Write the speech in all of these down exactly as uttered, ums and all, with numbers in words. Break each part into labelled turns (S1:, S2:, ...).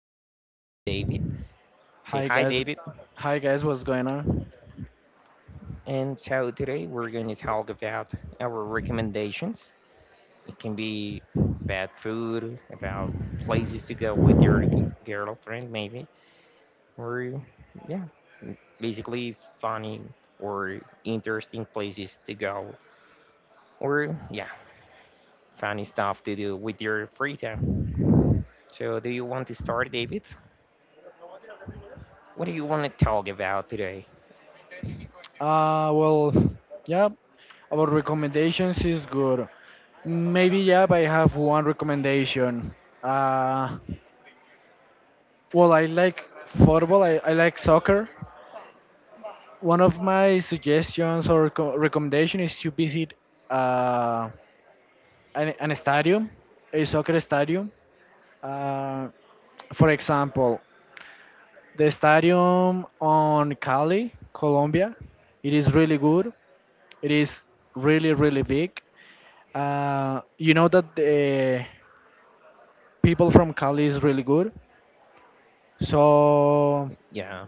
S1: podcast with David. Say
S2: Hi
S1: hi,
S2: guys,
S1: David.
S2: hi guys, what's going on?
S1: And so, today we're going to talk about our recommendations. It can be about food, about places to go with your g- girlfriend, maybe, or yeah, basically funny or interesting places to go, or yeah, funny stuff to do with your free time. So, do you want to start, David? What do you want to talk about today?
S2: Uh, well, yeah, our recommendations is good. Maybe yeah, but I have one recommendation. Uh, well, I like football. I, I like soccer. One of my suggestions or co- recommendation is to visit uh, an, an stadium, a soccer stadium. Uh, for example, the stadium on Cali, Colombia. It is really good. It is really, really big. Uh, you know that the people from Cali is really good. So
S1: Yeah.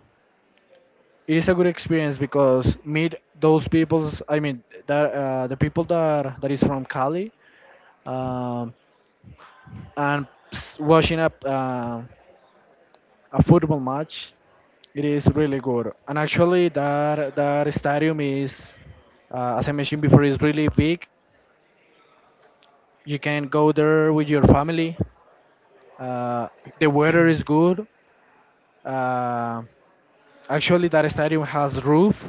S2: it is a good experience because meet those peoples. I mean, that uh, the people that that is from Cali, um, and s- watching a uh, a football match. It is really good. And actually, that that stadium is, uh, as I mentioned before, is really big. You can go there with your family. Uh, the weather is good. Uh, actually, that stadium has roof,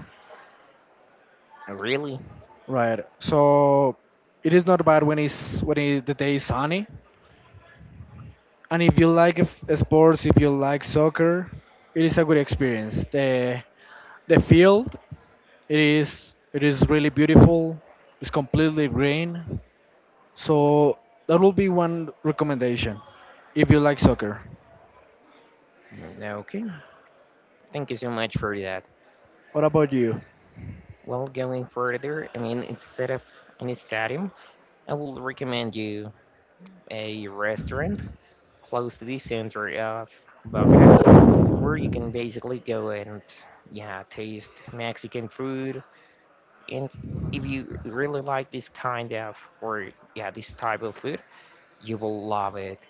S1: Really?
S2: right? So it is not bad when it's when it, the day is sunny. And if you like f- sports, if you like soccer, it is a good experience. The the field it is it is really beautiful. It's completely green. So that will be one recommendation if you like soccer.
S1: Okay. Thank you so much for that.
S2: What about you?
S1: Well, going further, I mean, instead of an stadium, I will recommend you a restaurant close to the center of Bogota where you can basically go and, yeah, taste Mexican food. And if you really like this kind of, or, yeah, this type of food, you will love it.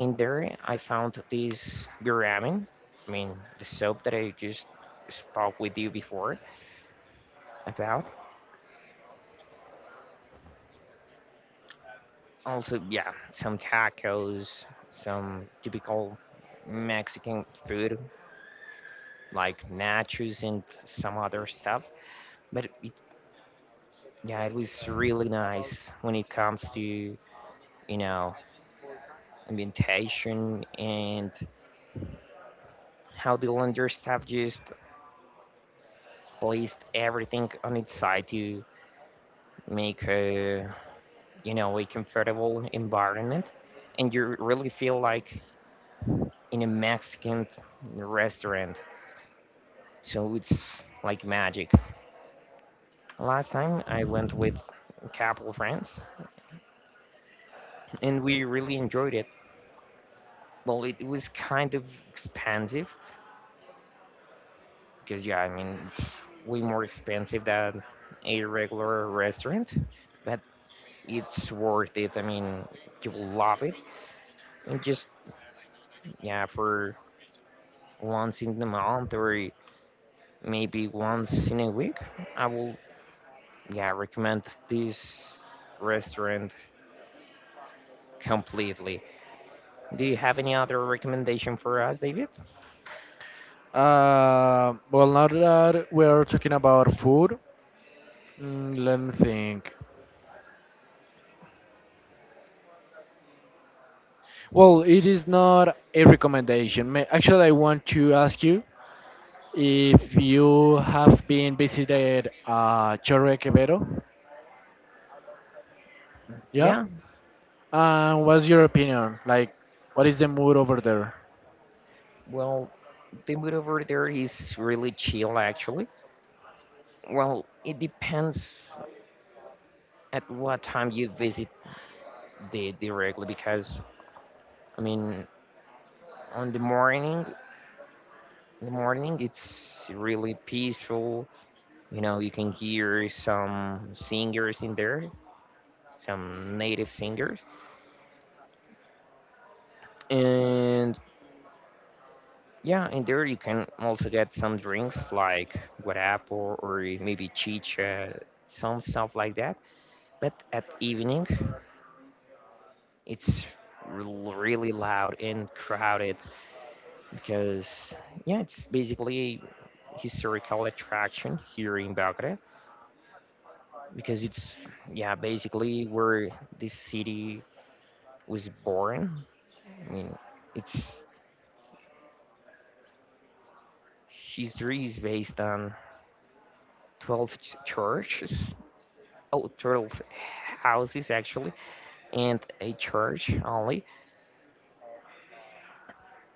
S1: In there I found this ramen. I mean, the soup that I just spoke with you before about. Also, yeah, some tacos, some typical Mexican food like nachos and some other stuff. But it, yeah, it was really nice when it comes to, you know, ambientation, and how the laundry staff just placed everything on its side to make a, you know, a comfortable environment, and you really feel like in a Mexican restaurant. So it's like magic. Last time I went with a couple of friends, and we really enjoyed it. Well, it was kind of expensive because yeah, I mean it's way more expensive than a regular restaurant, but it's worth it. I mean, you will love it, and just yeah, for once in the month or maybe once in a week. I will, yeah, recommend this restaurant completely. Do you have any other recommendation for us, David?
S2: Uh, well, now that we're talking about food, mm, let me think. Well, it is not a recommendation. Ma- Actually, I want to ask you if you have been visited uh, Chorro de Quevedo. Yeah.
S1: Yeah,
S2: And what's your opinion? Like, what is the mood over there?
S1: well, the mood over there is really chill, actually. Well, it depends at what time you visit the the regular because I mean, on the morning, the morning it's really peaceful. You know, you can hear some singers in there, some native singers. And yeah, in there you can also get some drinks like guarapo or maybe chicha, some stuff like that. But at evening, it's rel- really loud and crowded because yeah, it's basically historical attraction here in Bogota because it's yeah basically where this city was born. I mean, its history is based on twelve ch- churches, cultural f- houses actually, and a church only.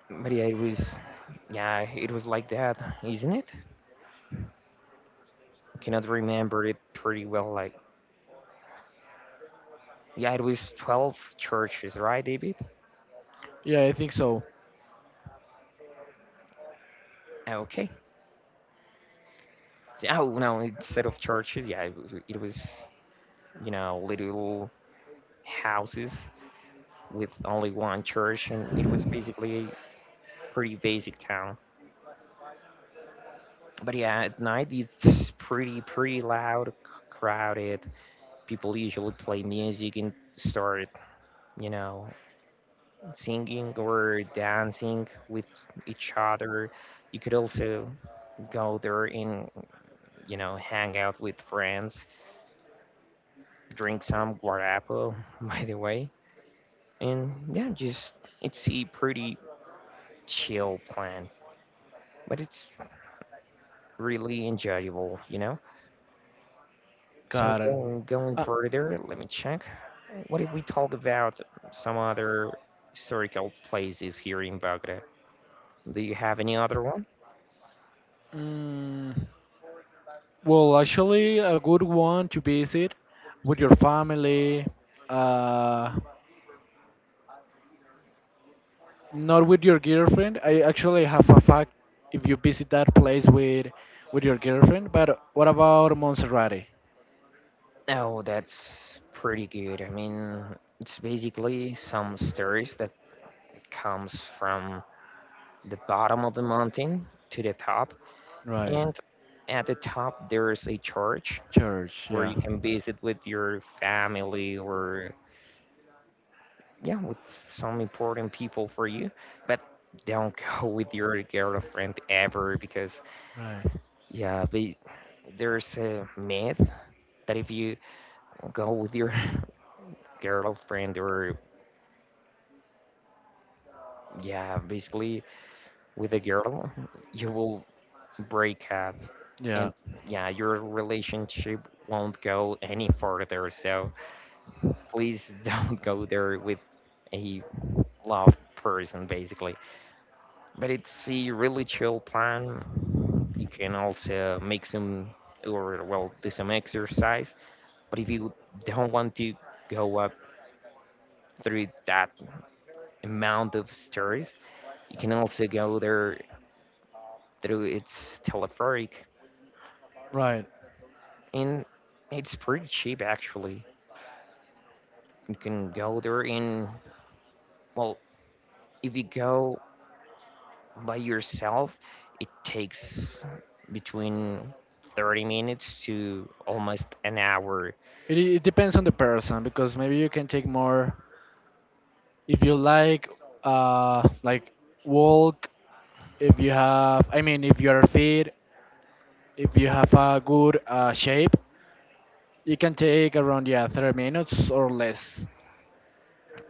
S1: But yeah it was, yeah it was like that, isn't it? I cannot remember it pretty well. Like, yeah, it was twelve churches, right, david?
S2: Yeah, I think so.
S1: Okay. So- oh no, instead of churches, yeah it was, it was you know, little houses with only one church, and it was basically a pretty basic town. But yeah, at night it's pretty pretty loud, c- crowded, people usually play music and start, you know, singing or dancing with each other. You could also go there and, you know, hang out with friends, drink some guarapo by the way, and yeah just, it's a pretty chill plan, but it's really enjoyable, you know. So
S2: Got it.
S1: going going
S2: Uh,
S1: further, let me check. What if we talk about some other historical places here in bogota? Do you have any other one?
S2: mm, well, actually, a good one to visit with your family. Uh, Not with your girlfriend. I actually have a fact if you visit that place with with your girlfriend. But what about Monserrate?
S1: Oh, that's pretty good. I mean, it's basically some stairs that comes from the bottom of the mountain to the top,
S2: Right.
S1: and at the top there is a church
S2: Church.
S1: where
S2: Yeah.
S1: you can visit with your family, or yeah, with some important people for you. But don't go with your girlfriend ever because
S2: Right.
S1: yeah, they, there's a myth that if you go with your girlfriend, or yeah, basically with a girl, you will break up,
S2: Yeah.
S1: and yeah, your relationship won't go any further. So please don't go there with a love person basically. But it's a really chill plan. You can also make some, or well, do some exercise. But if you don't want to go up through that amount of stairs, you can also go there through its telepheric,
S2: Right.
S1: and it's pretty cheap actually. You can go there in, well, if you go by yourself, it takes between thirty minutes to almost an hour.
S2: It, it depends on the person because maybe you can take more if you like uh like walk if you have, I mean if you are fit, if you have a good uh, shape, you can take around yeah thirty minutes or less.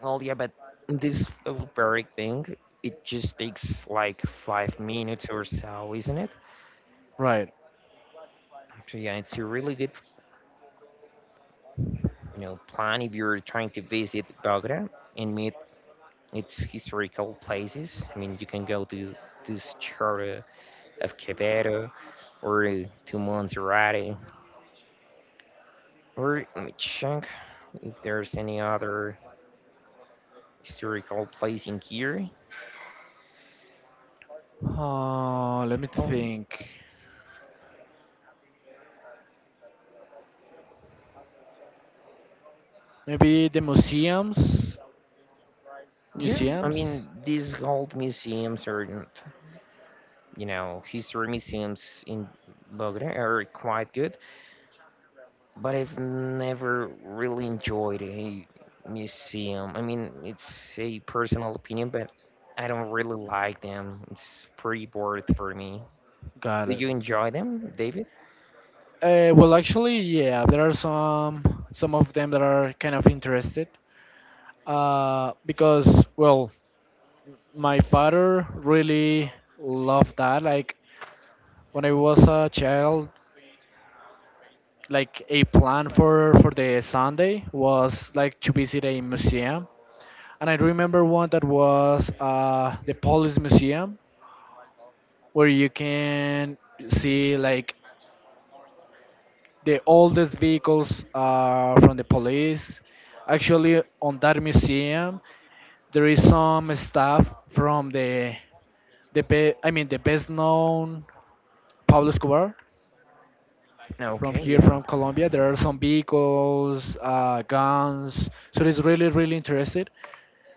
S1: Well, yeah, but this telepheric thing, it just takes like five minutes or so, isn't it?
S2: Right.
S1: So yeah, it's a really good, you know, plan if you're trying to visit Bogota and meet its historical places. I mean, you can go to this charter of Quevedo or to Monserrate. Or let me check if there's any other historical place in here.
S2: Uh, let me
S1: Um,
S2: think. Maybe the museums,
S1: yeah, I
S2: museums.
S1: mean, these old museums, or, you know, history museums in Bogota are quite good. But I've never really enjoyed a museum. I mean, it's a personal opinion, but I don't really like them. It's pretty bored for me.
S2: Got
S1: Do
S2: it.
S1: you enjoy them, David?
S2: Uh, well, actually, yeah, there are some some of them that are kind of interested. Uh, because well, my father really loved that. Like when I was a child, like a plan for for the Sunday was like to visit a museum, and I remember one that was uh the police museum where you can see like the oldest vehicles are from the police. Actually, on that museum, there is some stuff from the the be, I mean the best known Pablo Escobar from
S1: Okay,
S2: here
S1: yeah.
S2: from Colombia. There are some vehicles, uh, guns. So it's really really interested.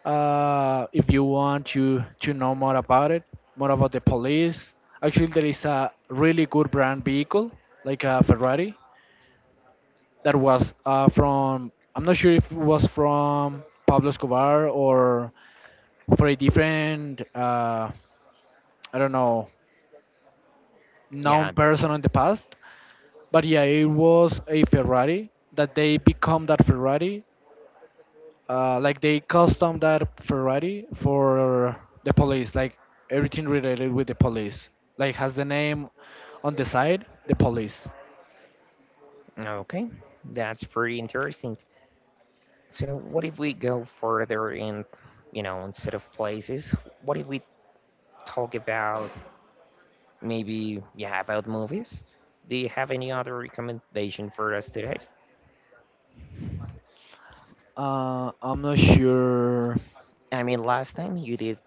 S2: Uh, if you want to to know more about it, more about the police. Actually, there is a really good brand vehicle like a Ferrari that was uh, from, I'm not sure if it was from Pablo Escobar or for a different uh, I don't know known
S1: Yeah,
S2: person in the past. But yeah, it was a Ferrari that they become that Ferrari, uh, like they custom that Ferrari for the police, like everything related with the police, like has the name on the side, the police.
S1: okay. That's pretty interesting. So, what if we go further in, you know, instead of places, what if we talk about maybe, yeah, about movies? Do you have any other recommendation for us today?
S2: Uh, I'm not sure.
S1: I mean, last time you did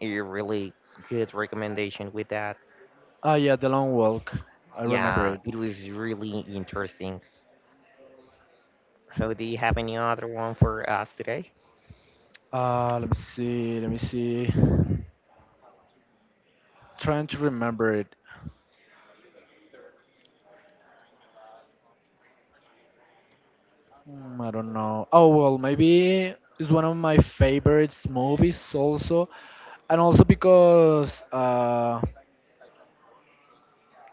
S1: a really good recommendation with that.
S2: Ah, yeah, the long walk. I remember
S1: Yeah,
S2: it.
S1: it was really interesting. So, do you have any other one for us today?
S2: Uh, let me see. Let me see. Trying to remember it. Hmm, I don't know. Oh well, maybe it's one of my favorite movies also, and also because uh,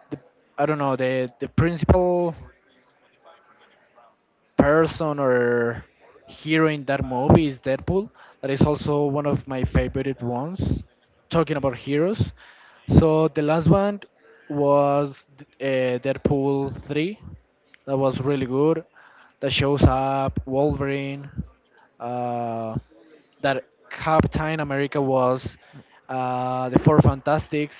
S2: the, I don't know the the principal person or hero in that movie is Deadpool. That is also one of my favorite ones. Talking about heroes, so the last one was uh, Deadpool three. That was really good. That shows up Wolverine. Uh, that Captain America was uh, the Four Fantastics.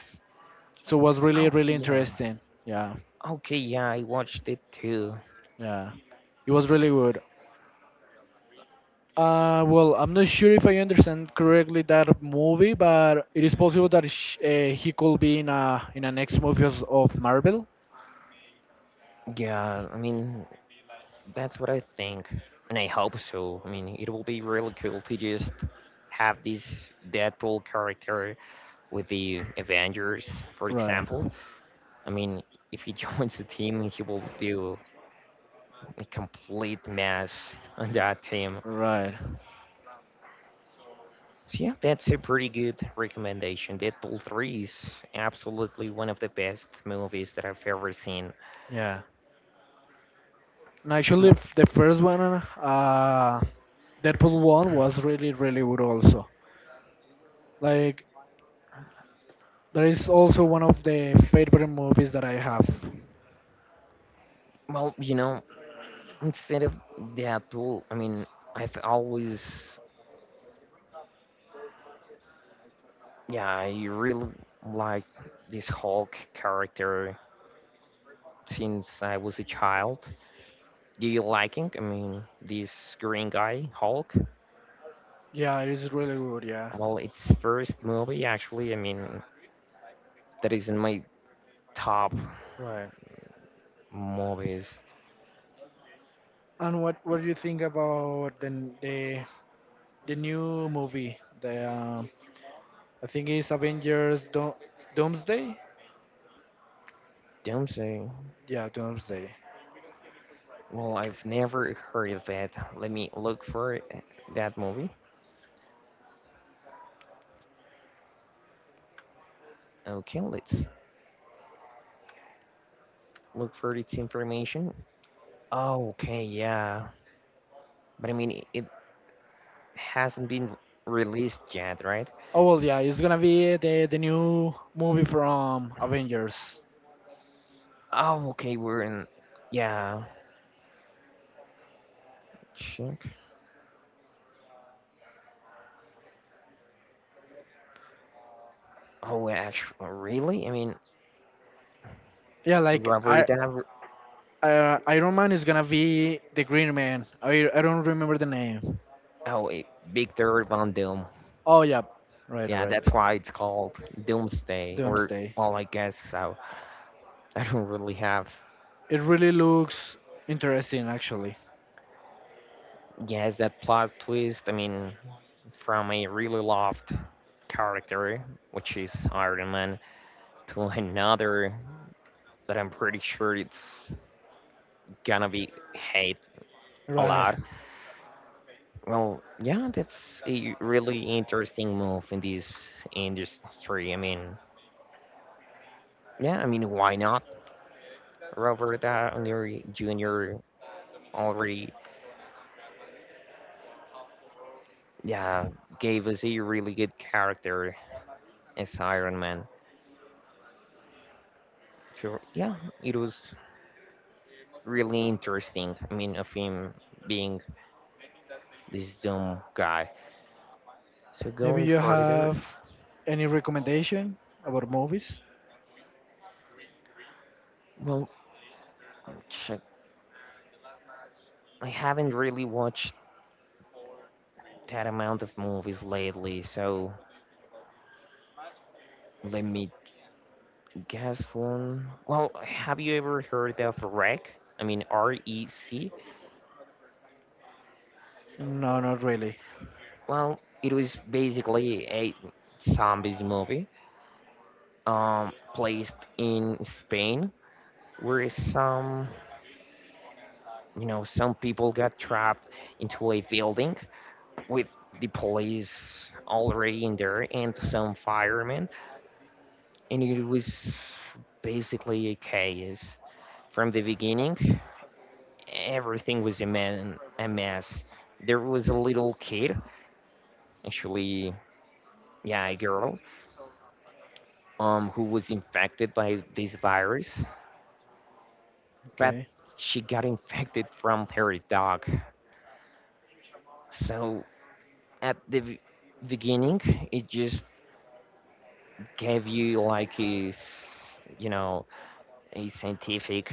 S2: So it was really
S1: Okay,
S2: really
S1: yeah.
S2: interesting. Yeah,
S1: Okay, yeah, I watched it too.
S2: yeah, it was really good. Uh, well, I'm not sure if I understand correctly that movie, but it is possible that sh uh, he could be in a in a next movie of, of Marvel.
S1: Yeah, I mean, that's what I think. And I hope so. I mean, it will be really cool to just have this Deadpool character with the Avengers, for
S2: Right,
S1: example. I mean, if he joins the team, he will do a complete mess on that team.
S2: right,
S1: So yeah, that's a pretty good recommendation. Deadpool three is absolutely one of the best movies that I've ever seen.
S2: yeah. And actually,
S1: M-
S2: f- the first one, uh, Deadpool one was really really good also. Like that is also one of the favorite movies that I have.
S1: Well, you know, instead of Deadpool, I mean, I've always, yeah, I really liked this Hulk character since I was a child. Do you like him? I mean, this green guy, Hulk?
S2: Yeah, it is really good. Yeah,
S1: Well, it's first movie, actually. I mean, that is in my top
S2: right.
S1: movies.
S2: And what what do you think about the n- the the new movie? The uh, I think it's Avengers Do- Doomsday.
S1: Don't say.
S2: Yeah, Doomsday.
S1: Well, I've never heard of that. Let me look for it- that movie. Okay, let's look for its information. Oh, okay, yeah. But I mean, i- it hasn't been released yet, right?
S2: Oh well, yeah, it's gonna be the the new movie from Avengers.
S1: Oh, okay, we're in. Yeah, check. Oh, actually, really? I mean,
S2: Yeah, like
S1: Robert
S2: I,
S1: Dav.
S2: uh, Iron Man is gonna be the Green Man. I I don't remember the name.
S1: Oh, it, Victor Von Doom.
S2: Oh yeah, right,
S1: Yeah,
S2: right.
S1: that's why it's called Doomsday, or
S2: Doomsday.
S1: well, I guess so. I don't really have.
S2: It really looks interesting, actually.
S1: Yes, that plot twist, I mean, from a really loved character, which is Iron Man, to another that I'm pretty sure it's gonna be hate a
S2: Right.
S1: lot. Well, yeah, that's a really interesting move in this industry. I mean, yeah, I mean, why not? Robert Downey Junior already, yeah, gave us a really good character as Iron Man. So, yeah, it was really interesting. I mean, of him being this Doom guy. So
S2: Maybe
S1: going
S2: you
S1: further,
S2: have any recommendation about movies?
S1: well, check. I haven't really watched that amount of movies lately. So let me guess one. Well, have you ever heard of Rec? I mean, R E C.
S2: No, not really.
S1: Well, it was basically a zombies movie, um, placed in Spain, where some, you know, some people got trapped into a building with the police already in there and some firemen. And it was basically a chaos from the beginning. Everything was a, man, a mess. There was a little kid, actually, yeah, a girl, um, who was infected by this virus, but
S2: Okay.
S1: she got infected from her dog. So at the v- beginning, it just gave you like a, s- you know, a scientific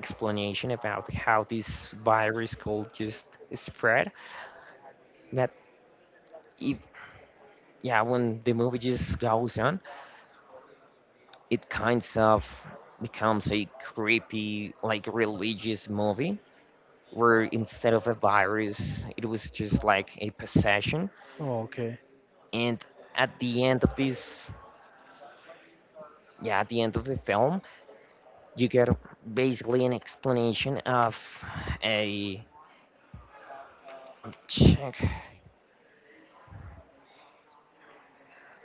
S1: explanation about how this virus could just spread. But if yeah, when the movie just goes on, it kind of becomes a creepy, like religious movie where instead of a virus, it was just like a possession.
S2: Oh, okay.
S1: And at the end of this, yeah, at the end of the film, you get basically an explanation of a. Check.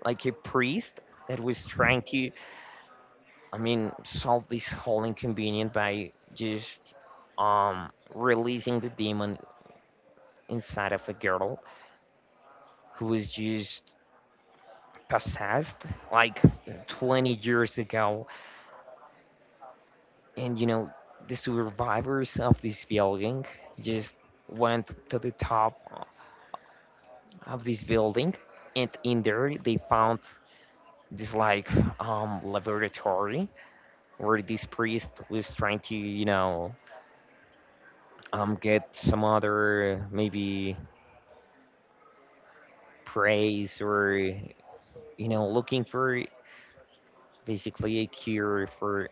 S1: Like a priest that was trying to, I mean, solve this whole inconvenience by just um, releasing the demon inside of a girl who was just possessed like twenty years ago. And you know, the survivors of this building just went to the top of this building, and in there they found this like um laboratory where this priest was trying to, you know, um, get some other maybe praise, or you know, looking for basically a cure for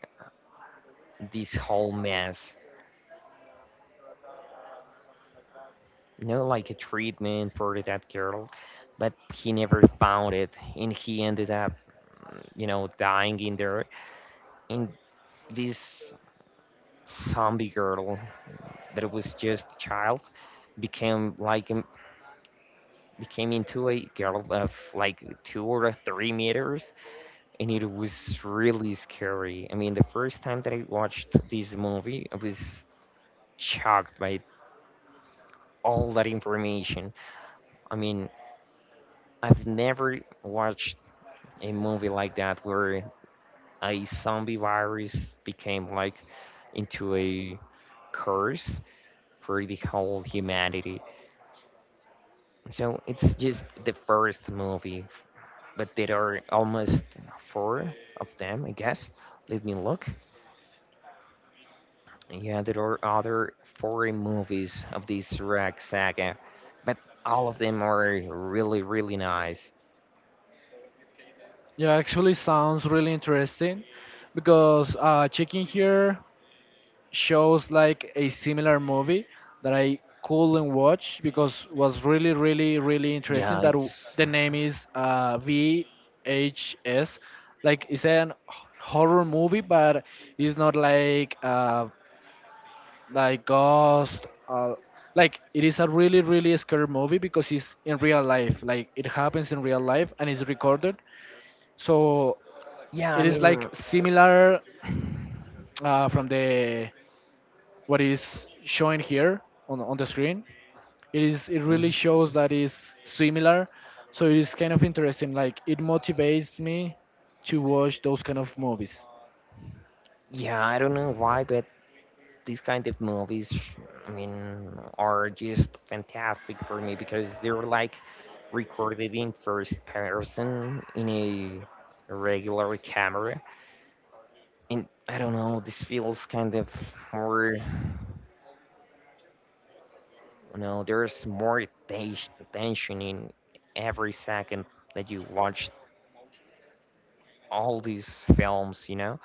S1: this whole mess, you know, like a treatment for that girl, but he never found it and he ended up, you know, dying in there. And this zombie girl that was just a child became like, um, became into a girl of like two or three meters, and it was really scary. I mean, the first time that I watched this movie, I was shocked by all that information. I mean, I've never watched a movie like that where a zombie virus became like into a curse for the whole humanity. So it's just the first movie, but there are almost four of them, I guess. Let me look. Yeah, there are other foreign movies of this Rag saga, but all of them are really, really nice.
S2: Yeah, actually sounds really interesting because uh, checking here shows like a similar movie that I couldn't watch because was really, really, really interesting.
S1: Yeah,
S2: That w-
S1: it's.
S2: the name is uh, V H S. Like it's an h- horror movie, but it's not like uh, like ghost. Uh, like it is a really, really scary movie because it's in real life. Like it happens in real life and it's recorded. So
S1: Yeah, I
S2: it is like
S1: mean,
S2: similar uh, from the what is showing here on on the screen. It is it really shows that is similar, so it is kind of interesting. Like it motivates me to watch those kind of movies
S1: yeah, I don't know why, but these kind of movies, I mean, are just fantastic for me because they're like recorded in first person in a regular camera. And I don't know, this feels kind of more. You know, there's more tension, tension in every second that you watch all these films, you know?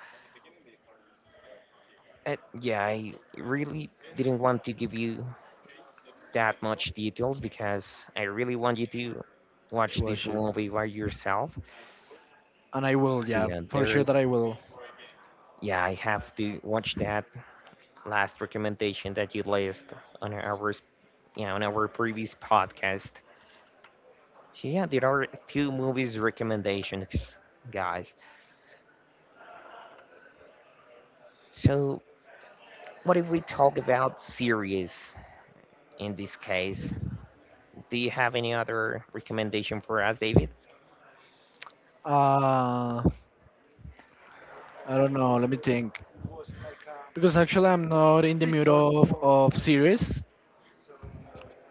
S1: And yeah, I really didn't want to give you that much details because I really want you to watch
S2: to
S1: this
S2: watch it,
S1: movie by yourself.
S2: and I will.
S1: So
S2: Yeah,
S1: yeah,
S2: for sure
S1: there's
S2: that I will.
S1: yeah, I have to watch that last recommendation that you list on our s- yeah, on our previous podcast. So yeah, there are two movies recommendations, guys. So what if we talk about series in this case? Do you have any other recommendation for us, David?
S2: Uh, I don't know. Let me think. Because actually, I'm not in the mood of, of series.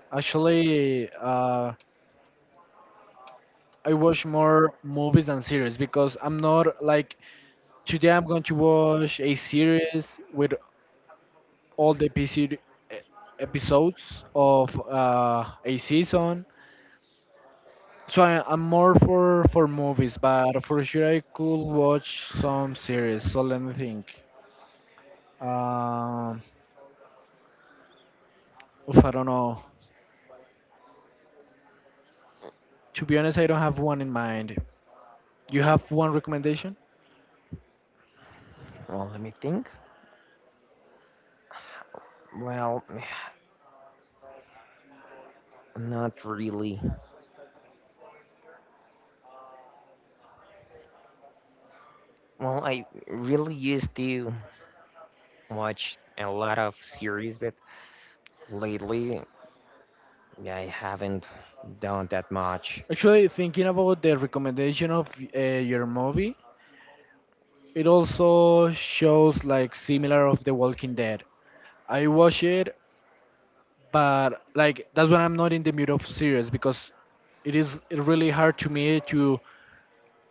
S2: Actually, uh, I watch more movies than series because I'm not like today I'm going to watch a series with all the episode, episodes of uh, a season. So I, I'm more for for movies, but for sure I could watch some series. So let me think. Um, oof, I don't know. To be honest, I don't have one in mind. You have one recommendation?
S1: Well, let me think. Well, not really. Well, I really used to watch a lot of series, but lately yeah, I haven't done that much.
S2: Actually, thinking about the recommendation of uh, your movie, it also shows like similar of The Walking Dead. I watched it but like that's when I'm not in the mood of series because it is really hard to me to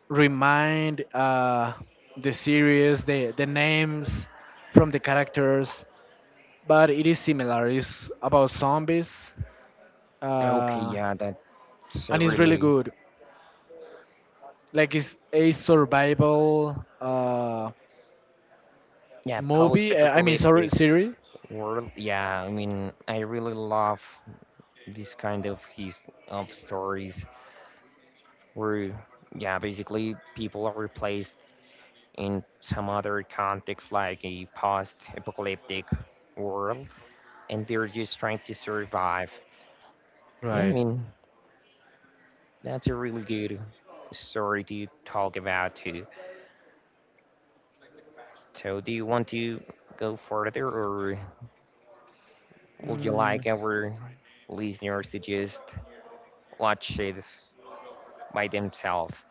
S2: remind uh, the series, the the names from the characters. But it is similar. It's about zombies,
S1: Okay,
S2: uh,
S1: yeah, that's a
S2: and it's really
S1: really
S2: good. Like it's a survival uh,
S1: yeah,
S2: movie. Uh, I mean, sorry,
S1: post-apocalyptic
S2: series.
S1: world. Yeah, I mean, I really love this kind of his of stories, where yeah, basically people are replaced in some other context like a post-apocalyptic world and they're just trying to survive. Yeah, I
S2: Right.
S1: mean that's a really good story to talk about too. So do you want to go further or would you
S2: Mm,
S1: like our listeners to just watch it by themselves?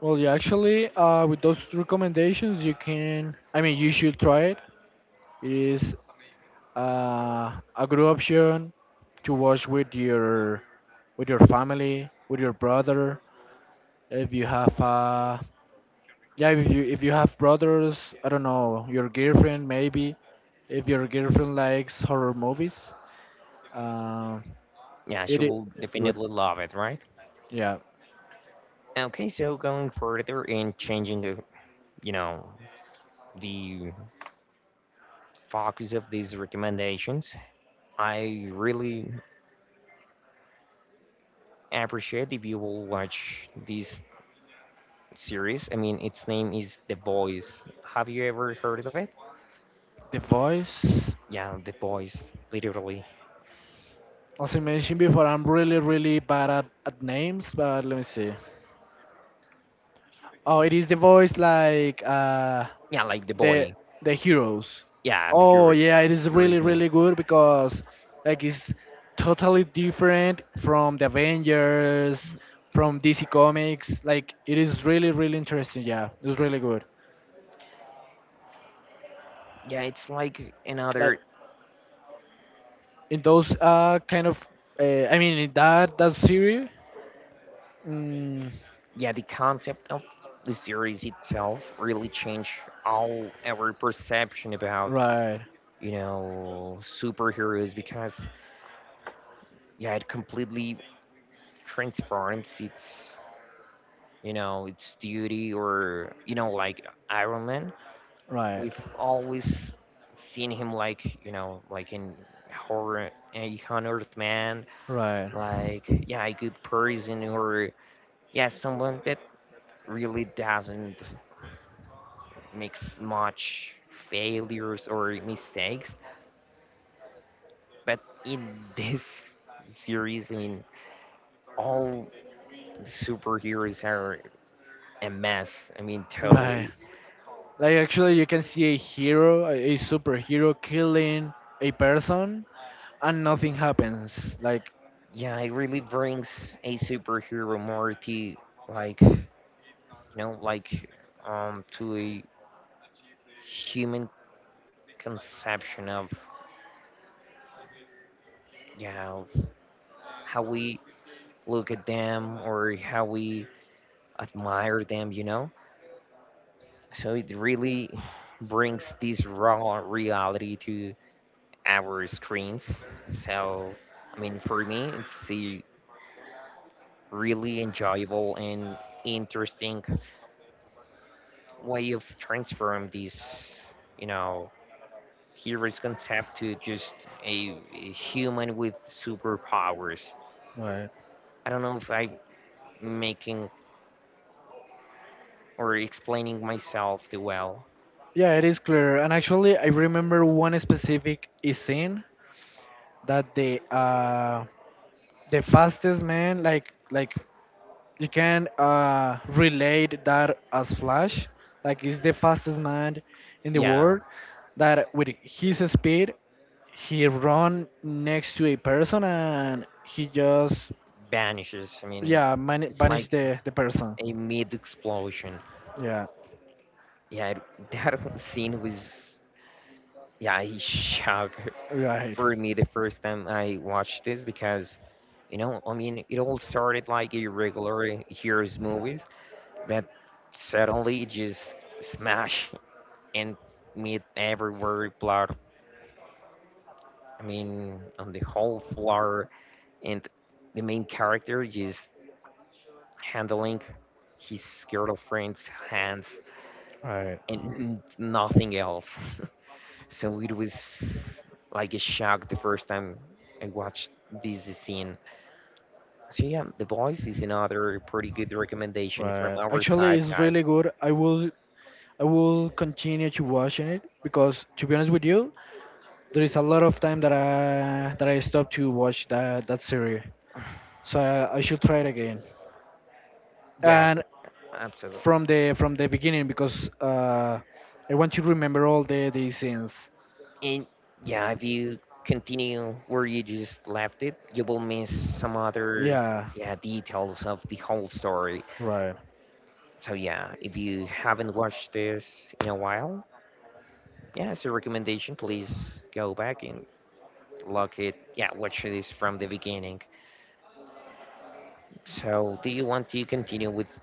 S2: Well, yeah, actually, uh, with those recommendations, you can. I mean, you should try it. It is uh, a good option to watch with your with your family, with your brother. If you have uh, yeah, if you if you have brothers, I don't know, your girlfriend maybe. If your girlfriend likes horror movies, uh,
S1: Yeah,
S2: it
S1: she
S2: is
S1: will
S2: good.
S1: definitely love it, right?
S2: Yeah,
S1: Okay, so going further and changing the, you know, the focus of these recommendations. I really appreciate if you will watch this series. I mean, its name is The Boys. Have you ever heard of it?
S2: The Voice.
S1: Yeah, The Boys, literally.
S2: As I mentioned before, I'm really, really bad at, at names, but let me see. Oh, it is the voice like uh,
S1: Yeah, like The
S2: the
S1: Boy.
S2: the heroes.
S1: Yeah, the
S2: Oh
S1: series,
S2: yeah, it is
S1: series
S2: really,
S1: movie.
S2: really good because like it's totally different from the Avengers, from D C Comics. Like it is really, really interesting. Yeah, it's really good.
S1: Yeah, it's like
S2: Like
S1: another.
S2: in those uh kind of, uh, I mean in that that series. Mm,
S1: Yeah, the concept of the series itself really changed all our perception about,
S2: right,
S1: you know, superheroes because yeah, it completely transforms its, you know, its duty, or you know, like Iron Man.
S2: right,
S1: We've always seen him like, you know, like in horror, a hundred man,
S2: right,
S1: like, yeah, a good person or yeah, someone that really doesn't makes much failures or mistakes. But in this series, I mean, all the superheroes are a mess, I mean
S2: right.
S1: totally.
S2: Like actually, you can see a hero, a a superhero killing a person, and nothing happens. Like,
S1: Yeah, it really brings a superhero more to, like, you know, like, um to a human conception of, yeah, of how we look at them or how we admire them, you know. So it really brings this raw reality to our screens. So I mean, for me, it's a really enjoyable and interesting way of transform this, you know, Here is concept to just a, a human with superpowers.
S2: right.
S1: I don't know if I'm making or explaining myself too well.
S2: Yeah, it is clear. And actually, I remember one specific scene that the uh the fastest man, like like you can uh relate that as Flash. Like, is the fastest man in the
S1: Yeah,
S2: world that with his speed he run next to a person and he just
S1: vanishes. I mean,
S2: yeah man-
S1: it's
S2: banish
S1: like
S2: the the person,
S1: a mid explosion.
S2: yeah,
S1: Yeah, it- that scene was. Yeah, he shocked
S2: right,
S1: for me the first time I watched this because, you know, I mean, it all started like a regular heroes movies, but suddenly it just smash and meat everywhere, blood. I mean, on the whole floor, and the main character just handling his girlfriend's hands
S2: right,
S1: and nothing else. So it was like a shock the first time I watched this scene. So yeah, The Boys is another pretty good recommendation from
S2: right,
S1: our
S2: actually
S1: side,
S2: it's
S1: guys.
S2: really good. I will i will continue to watching it because to be honest with you there is a lot of time that i that i stopped to watch that that series, so I, I should try it again
S1: Yeah,
S2: and
S1: absolutely.
S2: from the from the beginning because uh I want to remember all the the scenes,
S1: And yeah, if you continue where you just left it, you will miss some other
S2: yeah,
S1: yeah, details of the whole story.
S2: right.
S1: So yeah, if you haven't watched this in a while, yeah, it's a recommendation. Please go back and look it. Yeah, watch this from the beginning. So do you want to continue with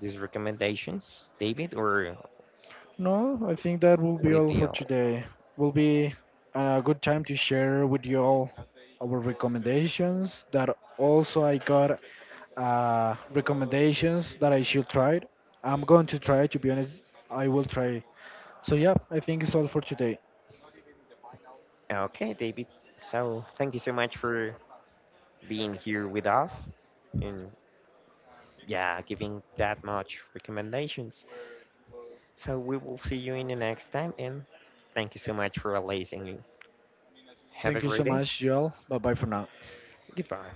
S1: these recommendations, David, or
S2: No, I think that will
S1: would
S2: be
S1: it
S2: all
S1: be
S2: for
S1: all?
S2: today. Will be a good time to share with you all our recommendations. That also I got uh, recommendations that I should try. I'm going to try. To be honest, I will try. So yeah, I think it's all for today.
S1: Okay, David. So thank you so much for being here with us. And yeah, giving that much recommendations. So we will see you in the next time and thank you so much for listening. Have a
S2: Thank you
S1: great
S2: so
S1: day.
S2: much, y'all. Bye bye for now.
S1: Goodbye.